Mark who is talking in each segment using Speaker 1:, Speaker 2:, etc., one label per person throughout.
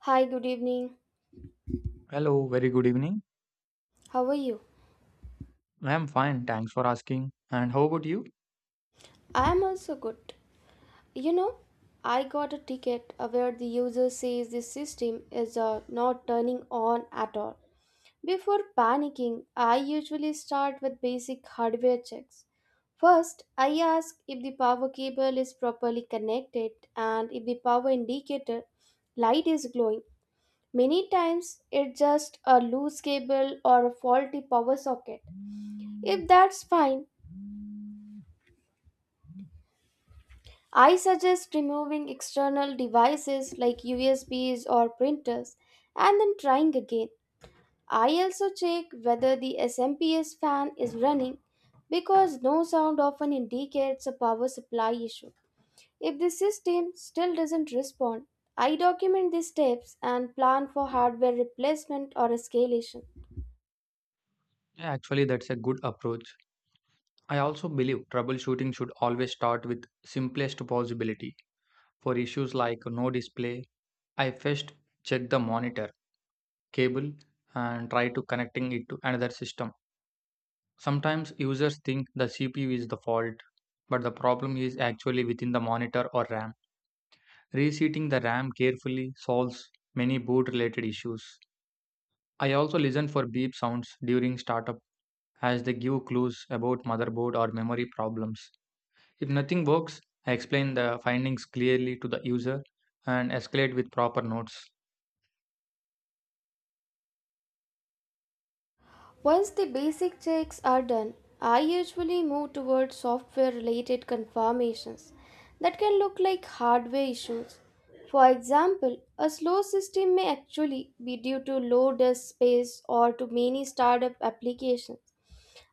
Speaker 1: Hi, good evening.
Speaker 2: Hello, very good evening.
Speaker 1: How are you?
Speaker 2: I am fine, thanks for asking. And how about you?
Speaker 1: I am also good. You know, I got a ticket where the user says this system is not turning on at all. Before panicking, I usually start with basic hardware checks. First, I ask if the power cable is properly connected and if the power indicator light is glowing. Many times, it's just a loose cable or a faulty power socket. If that's fine, I suggest removing external devices like USBs or printers and then trying again. I also check whether the SMPS fan is running because no sound often indicates a power supply issue. If the system still doesn't respond, I document these steps and plan for hardware replacement or escalation.
Speaker 2: Yeah, actually, that's a good approach. I also believe troubleshooting should always start with simplest possibility. For issues like no display, I first check the monitor, cable, and try to connecting it to another system. Sometimes users think the CPU is the fault, but the problem is actually within the monitor or RAM. Reseating the RAM carefully solves many boot related issues. I also listen for beep sounds during startup as they give clues about motherboard or memory problems. If nothing works, I explain the findings clearly to the user and escalate with proper notes.
Speaker 1: Once the basic checks are done, I usually move towards software related confirmations that can look like hardware issues. For example, a slow system may actually be due to low disk space or to many startup applications.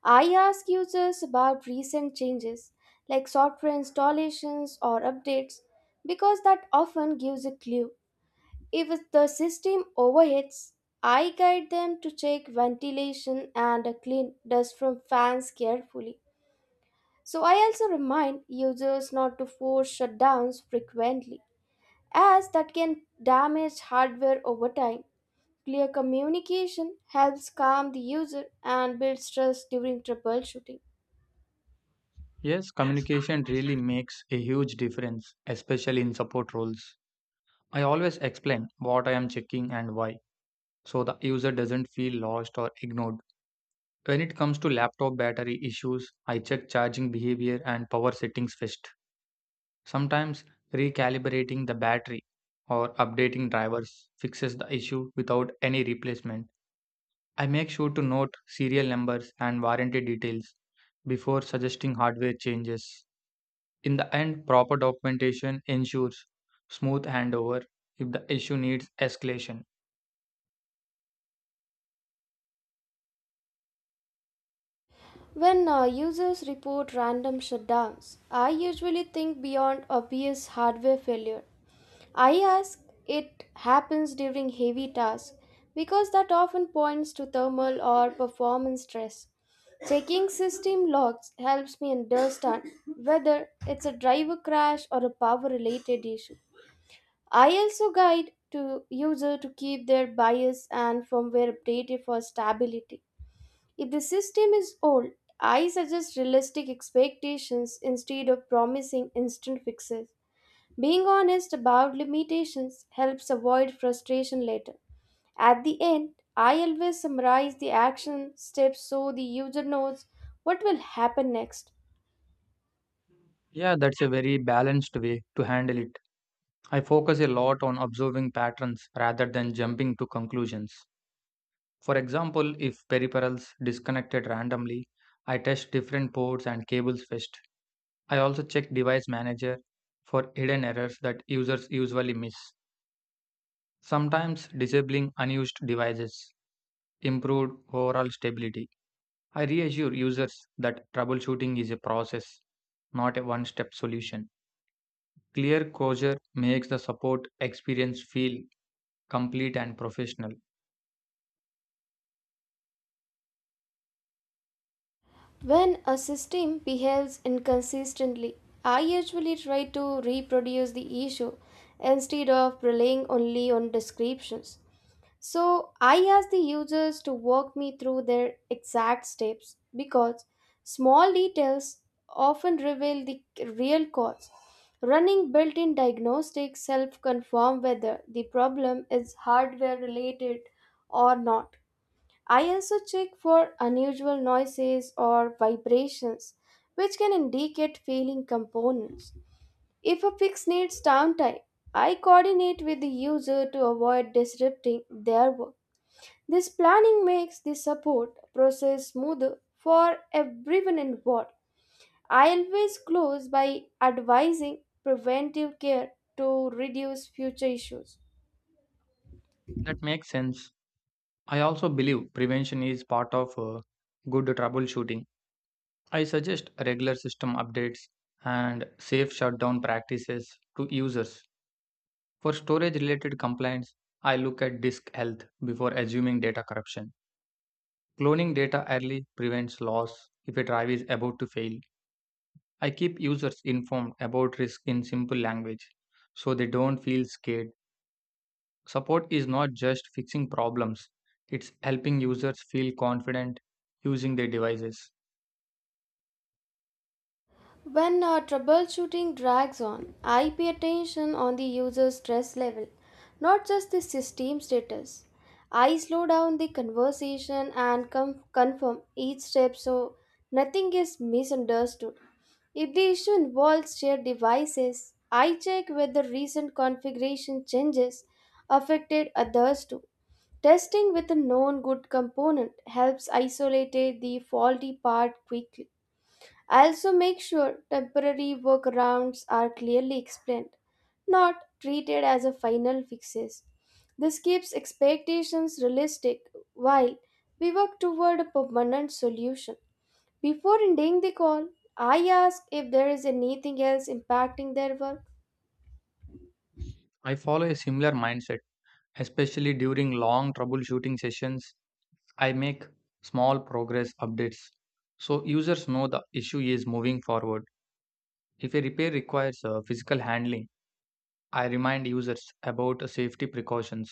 Speaker 1: I ask users about recent changes like software installations or updates because that often gives a clue. If the system overheats, I guide them to check ventilation and clean dust from fans carefully. So I also remind users not to force shutdowns frequently, as that can damage hardware over time. Clear communication helps calm the user and builds trust during troubleshooting.
Speaker 2: Yes, communication really makes a huge difference, especially in support roles. I always explain what I am checking and why, so the user doesn't feel lost or ignored. When it comes to laptop battery issues, I check charging behavior and power settings first. Sometimes recalibrating the battery or updating drivers fixes the issue without any replacement. I make sure to note serial numbers and warranty details before suggesting hardware changes. In the end, proper documentation ensures smooth handover if the issue needs escalation.
Speaker 1: When users report random shutdowns, I usually think beyond obvious hardware failure. I ask it happens during heavy tasks because that often points to thermal or performance stress. Checking system logs helps me understand whether it's a driver crash or a power related issue. I also guide to user to keep their BIOS and firmware updated for stability. If the system is old, I suggest realistic expectations instead of promising instant fixes. Being honest about limitations helps avoid frustration later. At the end, I always summarize the action steps so the user knows what will happen next.
Speaker 2: Yeah, that's a very balanced way to handle it. I focus a lot on observing patterns rather than jumping to conclusions. For example, if peripherals disconnected randomly, I test different ports and cables first. I also check device manager for hidden errors that users usually miss. Sometimes disabling unused devices improved overall stability. I reassure users that troubleshooting is a process, not a one-step solution. Clear closure makes the support experience feel complete and professional.
Speaker 1: When a system behaves inconsistently, I usually try to reproduce the issue instead of relying only on descriptions. So I ask the users to walk me through their exact steps because small details often reveal the real cause. Running built in diagnostics help confirm whether the problem is hardware related or not. I also check for unusual noises or vibrations, which can indicate failing components. If a fix needs downtime, I coordinate with the user to avoid disrupting their work. This planning makes the support process smoother for everyone involved. I always close by advising preventive care to reduce future issues.
Speaker 2: That makes sense. I also believe prevention is part of good troubleshooting. I suggest regular system updates and safe shutdown practices to users. For storage related complaints, I look at disk health before assuming data corruption. Cloning data early prevents loss if a drive is about to fail. I keep users informed about risk in simple language so they don't feel scared. Support is not just fixing problems, it's helping users feel confident using their devices.
Speaker 1: When troubleshooting drags on, I pay attention on the user's stress level, not just the system status. I slow down the conversation and confirm each step so nothing is misunderstood. If the issue involves shared devices, I check whether recent configuration changes affected others too. Testing with a known good component helps isolate the faulty part quickly. I also make sure temporary workarounds are clearly explained, not treated as a final fixes. This keeps expectations realistic while we work toward a permanent solution. Before ending the call, I ask if there is anything else impacting their work.
Speaker 2: I follow a similar mindset, especially during long troubleshooting sessions. I make small progress updates so users know the issue is moving forward. If a repair requires physical handling, I remind users about safety precautions.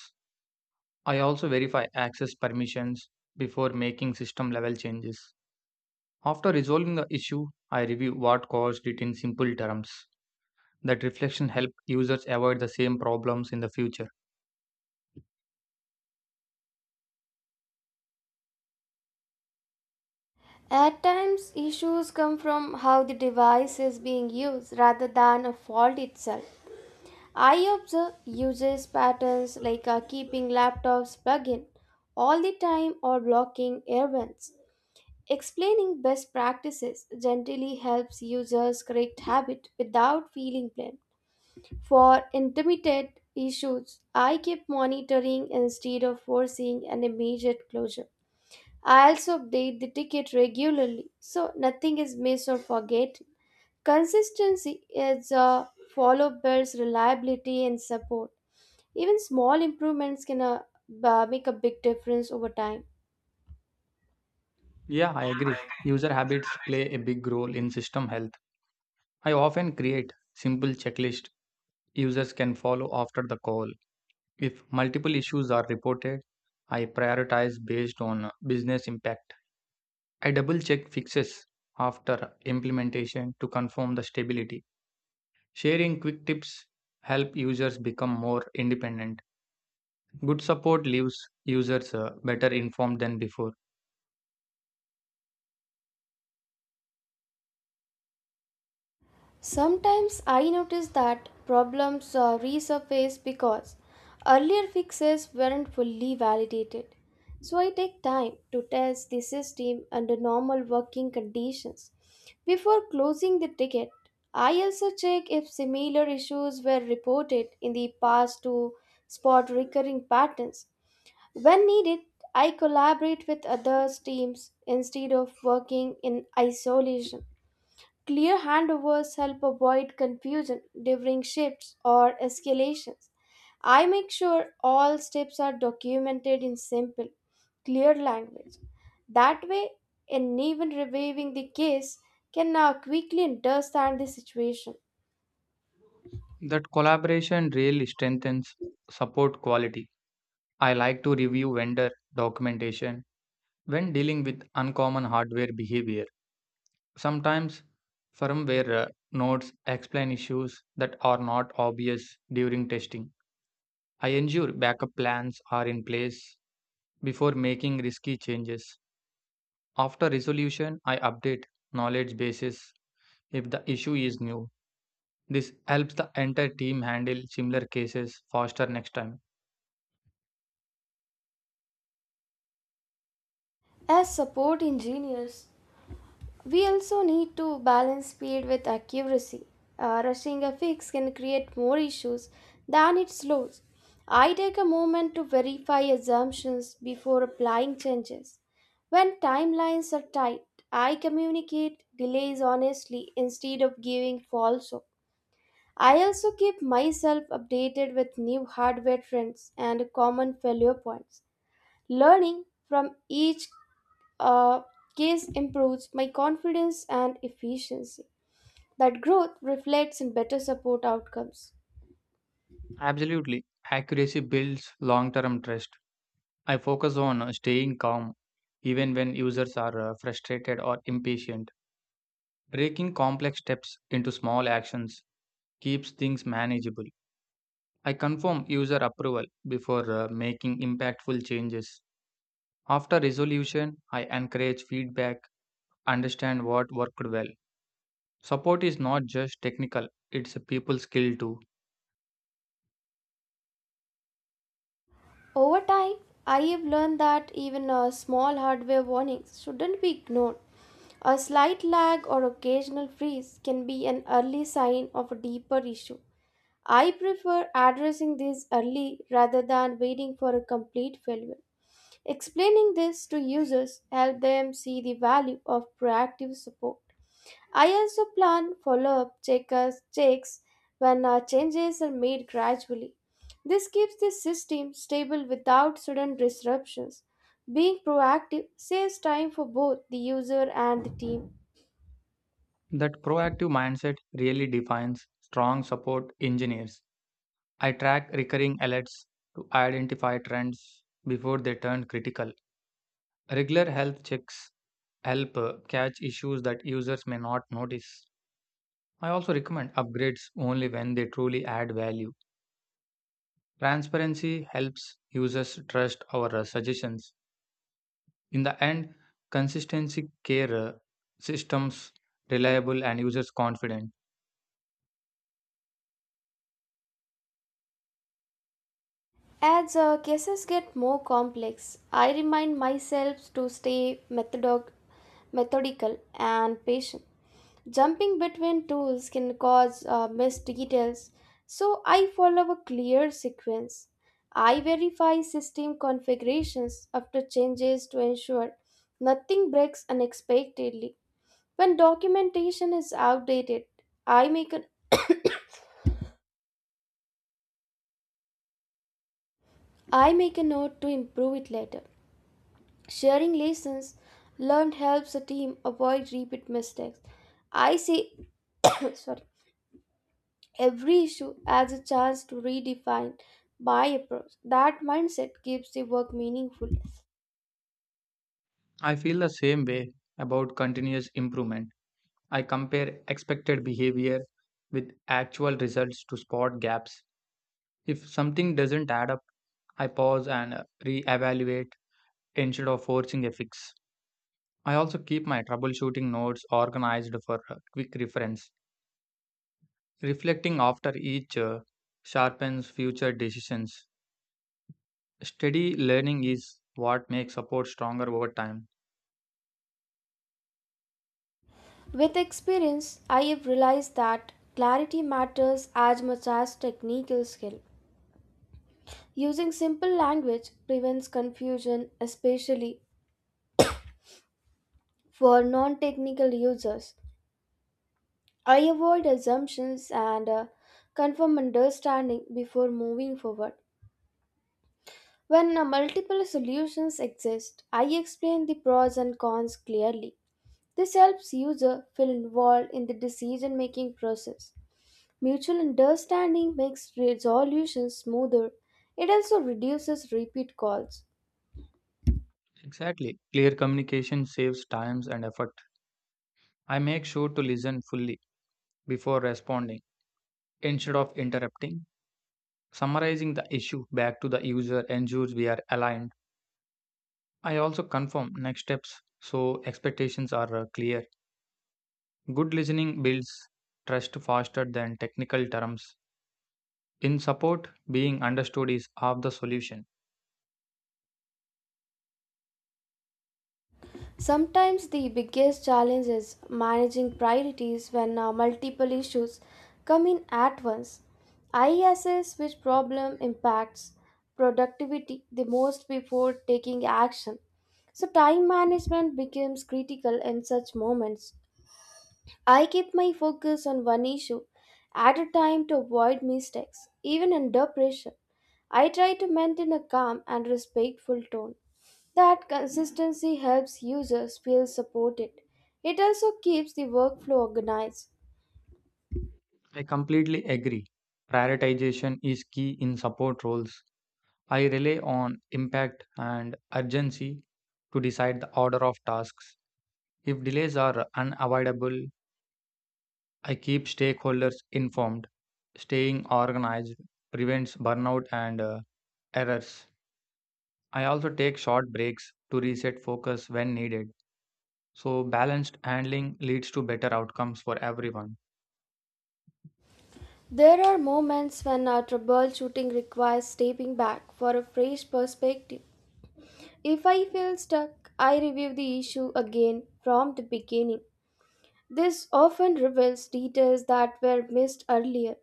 Speaker 2: I also verify access permissions before making system level changes. After resolving the issue, I review what caused it in simple terms. That reflection helps users avoid the same problems in the future.
Speaker 1: At times, issues come from how the device is being used rather than a fault itself. I observe usage patterns like keeping laptops plugged in all the time or blocking air vents. Explaining best practices generally helps users correct habit without feeling blamed. For intermittent issues, I keep monitoring instead of forcing an immediate closure. I also update the ticket regularly so nothing is missed or forgotten. Consistency is a follow builds reliability and support. Even small improvements can make a big difference over time.
Speaker 2: Yeah, I agree. User habits play a big role in system health. I often create simple checklist users can follow after the call. If multiple issues are reported, I prioritize based on business impact. I double check fixes after implementation to confirm the stability. Sharing quick tips help users become more independent. Good support leaves users better informed than before.
Speaker 1: Sometimes I notice that problems resurface because earlier fixes weren't fully validated. So I take time to test the system under normal working conditions. Before closing the ticket, I also check if similar issues were reported in the past to spot recurring patterns. When needed, I collaborate with others teams instead of working in isolation. Clear handovers help avoid confusion during shifts or escalations. I make sure all steps are documented in simple, clear language. That way, anyone reviewing the case can now quickly understand the situation.
Speaker 2: That collaboration really strengthens support quality. I like to review vendor documentation when dealing with uncommon hardware behavior. Sometimes firmware notes explain issues that are not obvious during testing. I ensure backup plans are in place before making risky changes. After resolution, I update knowledge bases if the issue is new. This helps the entire team handle similar cases faster next time.
Speaker 1: As support engineers, we also need to balance speed with accuracy. Rushing a fix can create more issues than it solves. I take a moment to verify assumptions before applying changes. When timelines are tight, I communicate delays honestly instead of giving false hope. I also keep myself updated with new hardware trends and common failure points. Learning from each uh, case improves my confidence and efficiency. That growth reflects in better support outcomes.
Speaker 2: Absolutely, accuracy builds long term trust. I focus on staying calm even when users are frustrated or impatient. Breaking complex steps into small actions keeps things manageable. I confirm user approval before making impactful changes. After resolution, I encourage feedback, understand what worked well. Support is not just technical, it's a people skill too.
Speaker 1: Over time, I have learned that even small hardware warnings shouldn't be ignored. A slight lag or occasional freeze can be an early sign of a deeper issue. I prefer addressing these early rather than waiting for a complete failure. Explaining this to users helps them see the value of proactive support. I also plan follow up checkers checks when changes are made gradually. This keeps the system stable without sudden disruptions. Being proactive saves time for both the user and the team.
Speaker 2: That proactive mindset really defines strong support engineers. I track recurring alerts to identify trends before they turn critical. Regular health checks help catch issues that users may not notice. I also recommend upgrades only when they truly add value. Transparency helps users trust our suggestions. In the end, consistency care systems reliable and users confident.
Speaker 1: As cases get more complex, I remind myself to stay methodical and patient. Jumping between tools can cause missed details, so I follow a clear sequence. I verify system configurations after changes to ensure nothing breaks unexpectedly. When documentation is outdated, I make a, I make a note to improve it later. Sharing lessons learned helps a team avoid repeat mistakes. I see sorry, every issue as a chance to redefine my approach. That mindset keeps the work meaningful.
Speaker 2: I feel the same way about continuous improvement. I compare expected behavior with actual results to spot gaps. If something doesn't add up, I pause and evaluate instead of forcing a fix. I also keep my troubleshooting notes organized for quick reference. Reflecting after each sharpens future decisions. Steady learning is what makes support stronger over time.
Speaker 1: With experience, I have realized that clarity matters as much as technical skill. Using simple language prevents confusion, especially for non technical users. I avoid assumptions and confirm understanding before moving forward. When multiple solutions exist, I explain the pros and cons clearly. This helps user feel involved in the decision making process. Mutual understanding makes resolutions smoother. It also reduces repeat calls.
Speaker 2: Exactly. Clear communication saves times and effort. I make sure to listen fully before responding. Instead of interrupting, summarizing the issue back to the user ensures we are aligned. I also confirm next steps so expectations are clear. Good listening builds trust faster than technical terms. In support, being understood is half the solution.
Speaker 1: Sometimes the biggest challenge is managing priorities when multiple issues come in at once. I assess which problem impacts productivity the most before taking action. So, time management becomes critical in such moments. I keep my focus on one issue at a time to avoid mistakes, even under pressure. I try to maintain a calm and respectful tone. That consistency helps users feel supported. It also keeps the workflow organized.
Speaker 2: I completely agree. Prioritization is key in support roles. I rely on impact and urgency to decide the order of tasks. If delays are unavoidable, I keep stakeholders informed. Staying organized prevents burnout and errors. I also take short breaks to reset focus when needed. So, balanced handling leads to better outcomes for everyone.
Speaker 1: There are moments when our troubleshooting requires stepping back for a fresh perspective. If I feel stuck, I review the issue again from the beginning. This often reveals details that were missed earlier.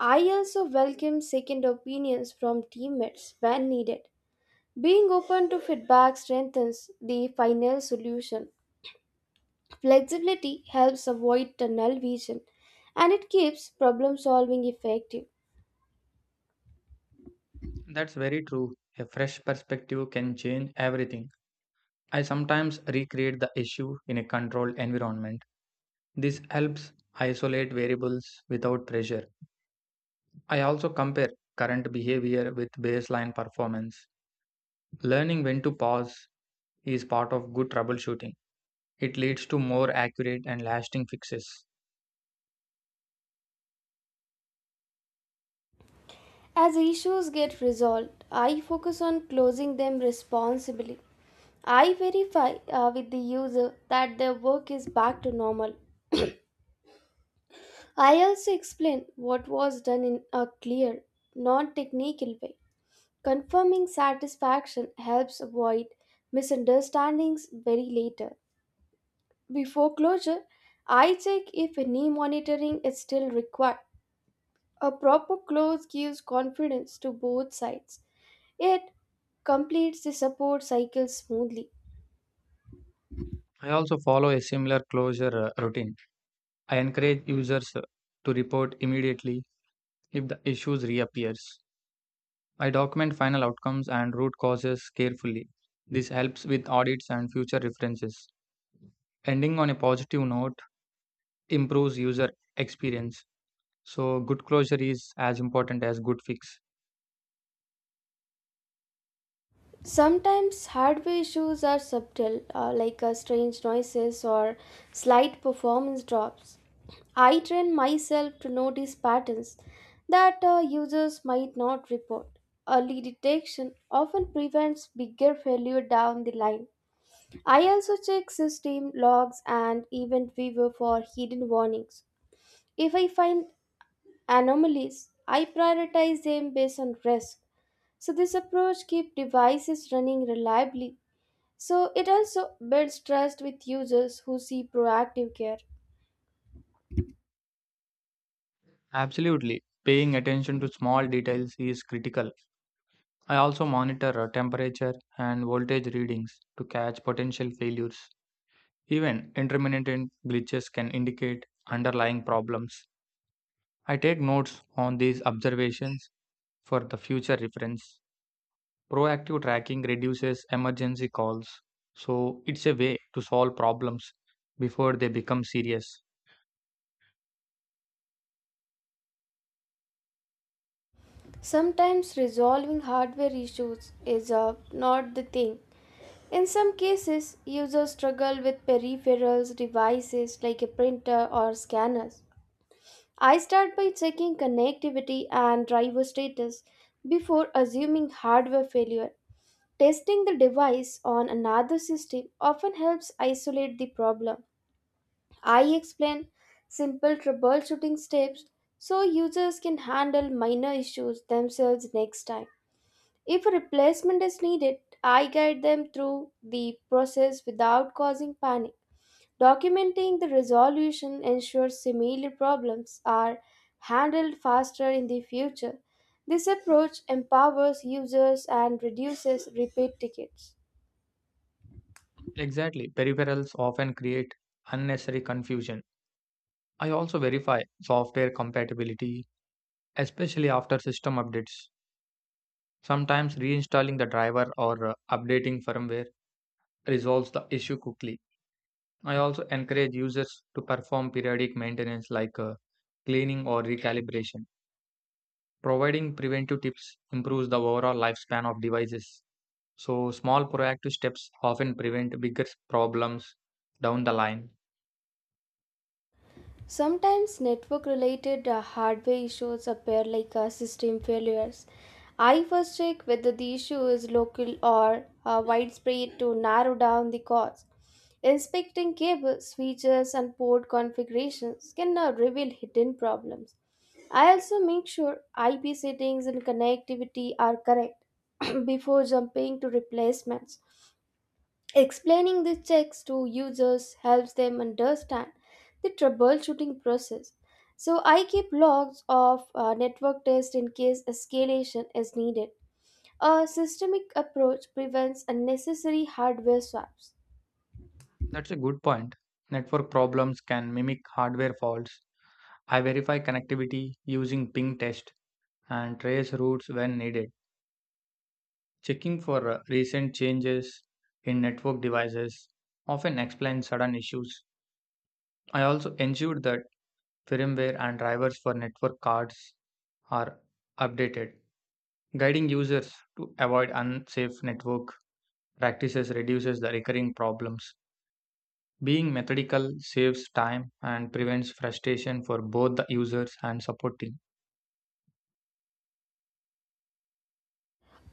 Speaker 1: I also welcome second opinions from teammates when needed. Being open to feedback strengthens the final solution. Flexibility helps avoid tunnel vision and it keeps problem solving effective.
Speaker 2: That's very true. A fresh perspective can change everything. I sometimes recreate the issue in a controlled environment. This helps isolate variables without pressure. I also compare current behavior with baseline performance. Learning when to pause is part of good troubleshooting. It leads to more accurate and lasting fixes.
Speaker 1: As issues get resolved, I focus on closing them responsibly. I verify with the user that their work is back to normal. I also explain what was done in a clear, non technical way. Confirming satisfaction helps avoid misunderstandings very later. Before closure, I check if knee monitoring is still required. A proper close gives confidence to both sides. It completes the support cycle smoothly.
Speaker 2: I also follow a similar closure routine. I encourage users to report immediately if the issues reappears. I document final outcomes and root causes carefully. This helps with audits and future references. Ending on a positive note improves user experience. So good closure is as important as good fix.
Speaker 1: Sometimes hardware issues are subtle, like strange noises or slight performance drops. I train myself to notice patterns that users might not report. Early detection often prevents bigger failure down the line. I also check system logs and event viewer for hidden warnings. If I find anomalies, I prioritize them based on risk. So this approach keeps devices running reliably. So it also builds trust with users who see proactive care.
Speaker 2: Absolutely. Paying attention to small details is critical. I also monitor temperature and voltage readings to catch potential failures. Even intermittent glitches can indicate underlying problems. I take notes on these observations for the future reference. Proactive tracking reduces emergency calls, so it's a way to solve problems before they become serious.
Speaker 1: Sometimes resolving hardware issues is not the thing. In some cases, users struggle with peripherals devices like a printer or scanners. I start by checking connectivity and driver status before assuming hardware failure. Testing the device on another system often helps isolate the problem. I explain simple troubleshooting steps so users can handle minor issues themselves next time. If a replacement is needed, I guide them through the process without causing panic. Documenting the resolution ensures similar problems are handled faster in the future. This approach empowers users and reduces repeat tickets.
Speaker 2: Exactly, peripherals often create unnecessary confusion. I also verify software compatibility, especially after system updates. Sometimes reinstalling the driver or updating firmware resolves the issue quickly. I also encourage users to perform periodic maintenance like cleaning or recalibration. Providing preventive tips improves the overall lifespan of devices. So, small proactive steps often prevent bigger problems down the line.
Speaker 1: Sometimes network related hardware issues appear like system failures. I first check whether the issue is local or widespread to narrow down the cause. Inspecting cables, switches, and port configurations can now reveal hidden problems. I also make sure IP settings and connectivity are correct before jumping to replacements. Explaining the checks to users helps them understand the troubleshooting process. So I keep logs of network tests in case escalation is needed. A systemic approach prevents unnecessary hardware swaps.
Speaker 2: That's a good point. Network problems can mimic hardware faults. I verify connectivity using ping test and trace routes when needed, checking for recent changes in network devices often explains sudden issues. I also ensure that firmware and drivers for network cards are updated, guiding users to avoid unsafe network practices reduces the recurring problems. Being methodical saves time and prevents frustration for both the users and support team.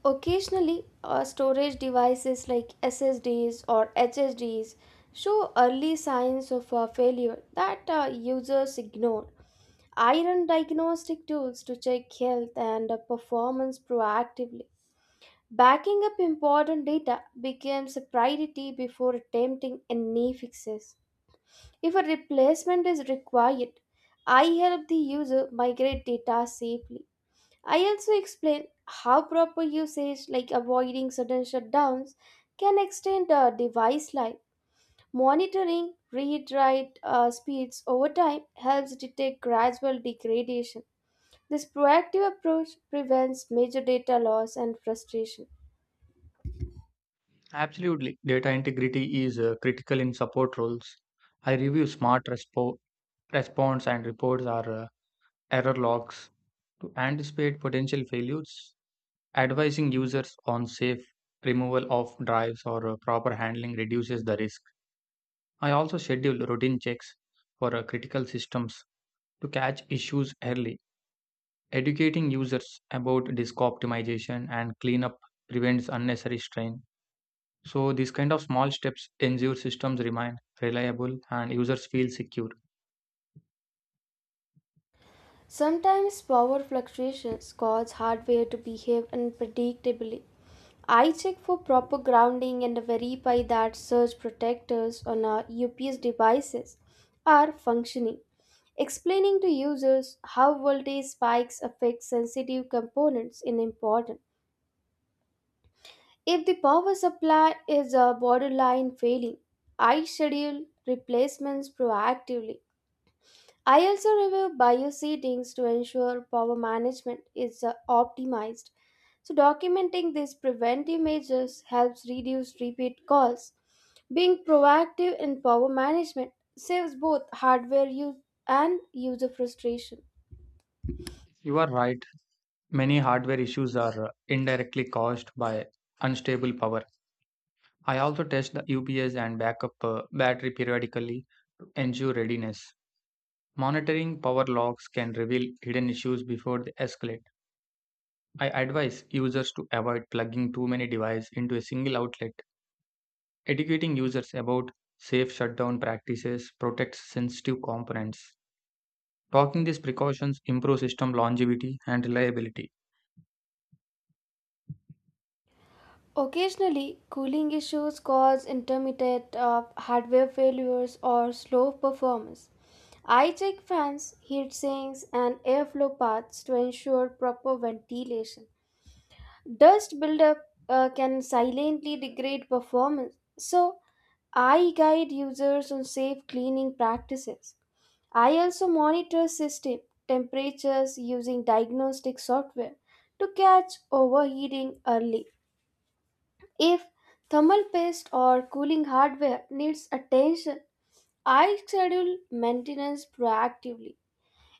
Speaker 1: Occasionally, storage devices like SSDs or HSDs show early signs of failure that users ignore. I run diagnostic tools to check health and performance proactively. Backing up important data becomes a priority before attempting any fixes. If a replacement is required, I help the user migrate data safely. I also explain how proper usage, like avoiding sudden shutdowns, can extend the device life. Monitoring read write speeds over time helps detect gradual degradation. This proactive approach prevents major data loss and frustration.
Speaker 2: Absolutely. Data integrity is critical in support roles. I review response and reports or error logs to anticipate potential failures. Advising users on safe removal of drives or proper handling reduces the risk. I also schedule routine checks for critical systems to catch issues early. Educating users about disk optimization and cleanup prevents unnecessary strain. So these kind of small steps ensure systems remain reliable and users feel secure.
Speaker 1: Sometimes power fluctuations cause hardware to behave unpredictably. I check for proper grounding and verify that surge protectors on our UPS devices are functioning. Explaining to users how voltage spikes affect sensitive components is important. If the power supply is a borderline failing, I schedule replacements proactively. I also review bio settings to ensure power management is optimized. So, documenting these preventive measures helps reduce repeat calls. Being proactive in power management saves both hardware use and user frustration.
Speaker 2: You are right. Many hardware issues are indirectly caused by unstable power. I also test the UPS and backup battery periodically to ensure readiness. Monitoring power logs can reveal hidden issues before they escalate. I advise users to avoid plugging too many devices into a single outlet. Educating users about safe shutdown practices protects sensitive components. Talking these precautions improve system longevity and reliability.
Speaker 1: Occasionally, cooling issues cause intermittent hardware failures or slow performance. I check fans, heat sinks, and airflow paths to ensure proper ventilation. Dust buildup can silently degrade performance, so I guide users on safe cleaning practices. I also monitor system temperatures using diagnostic software to catch overheating early. If thermal paste or cooling hardware needs attention, I schedule maintenance proactively.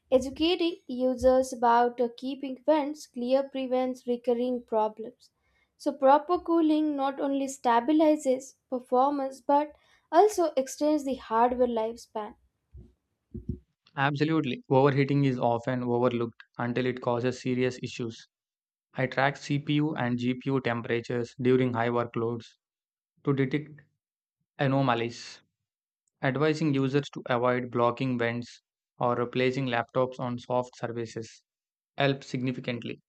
Speaker 1: Educating users about keeping vents clear prevents recurring problems. So, proper cooling not only stabilizes performance but also extends the hardware lifespan.
Speaker 2: Absolutely, overheating is often overlooked until it causes serious issues. I track CPU and GPU temperatures during high workloads to detect anomalies, advising users to avoid blocking vents or replacing laptops on soft surfaces helps significantly.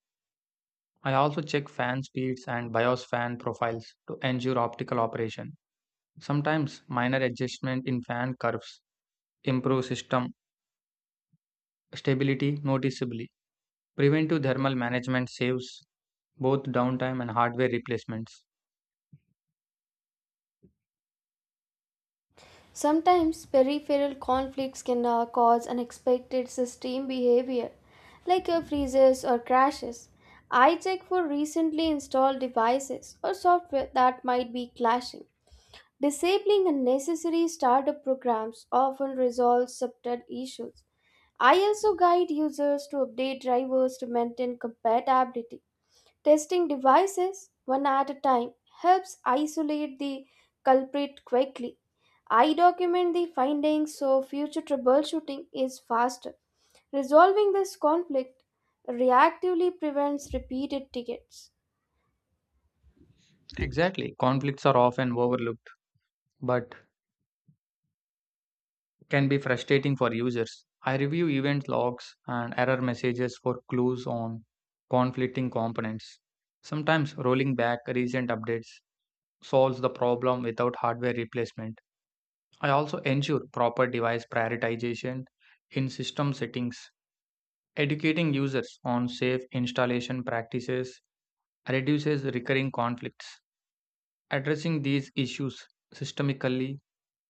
Speaker 2: I also check fan speeds and BIOS fan profiles to ensure optimal operation. Sometimes minor adjustment in fan curves improve system stability noticeably. Preventive thermal management saves both downtime and hardware replacements.
Speaker 1: Sometimes peripheral conflicts can cause unexpected system behavior like freezes or crashes. I check for recently installed devices or software that might be clashing. Disabling unnecessary startup programs often resolves subtle issues. I also guide users to update drivers to maintain compatibility. Testing devices one at a time helps isolate the culprit quickly. I document the findings so future troubleshooting is faster. Resolving this conflict reactively prevents repeated tickets.
Speaker 2: Exactly, conflicts are often overlooked but can be frustrating for users. I review event logs and error messages for clues on conflicting components. Sometimes rolling back recent updates solves the problem without hardware replacement. I also ensure proper device prioritization in system settings. Educating users on safe installation practices reduces recurring conflicts. Addressing these issues systemically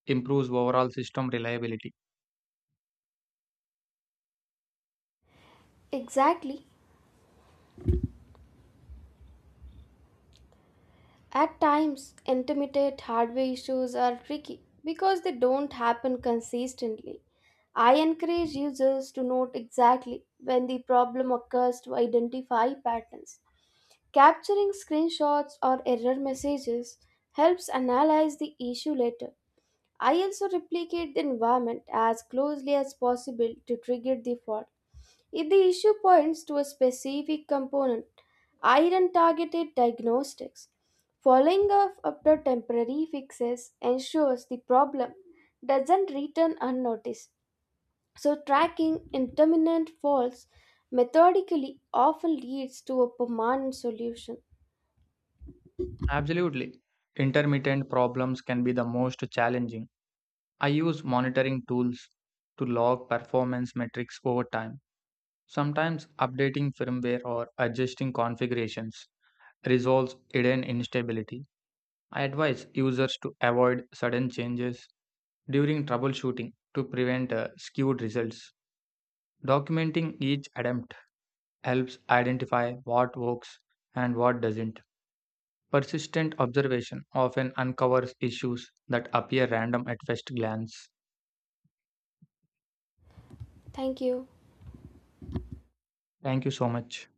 Speaker 2: improves overall system reliability.
Speaker 1: Exactly. At times, intermittent hardware issues are tricky because they don't happen consistently. I encourage users to note exactly when the problem occurs to identify patterns. Capturing screenshots or error messages helps analyze the issue later. I also replicate the environment as closely as possible to trigger the fault. If the issue points to a specific component, iron targeted diagnostics following up after temporary fixes ensures the problem doesn't return unnoticed. So, tracking intermittent faults methodically often leads to a permanent solution.
Speaker 2: Absolutely. Intermittent problems can be the most challenging. I use monitoring tools to log performance metrics over time. Sometimes updating firmware or adjusting configurations resolves hidden instability. I advise users to avoid sudden changes during troubleshooting to prevent skewed results. Documenting each attempt helps identify what works and what doesn't. Persistent observation often uncovers issues that appear random at first glance.
Speaker 1: Thank you.
Speaker 2: Thank you so much.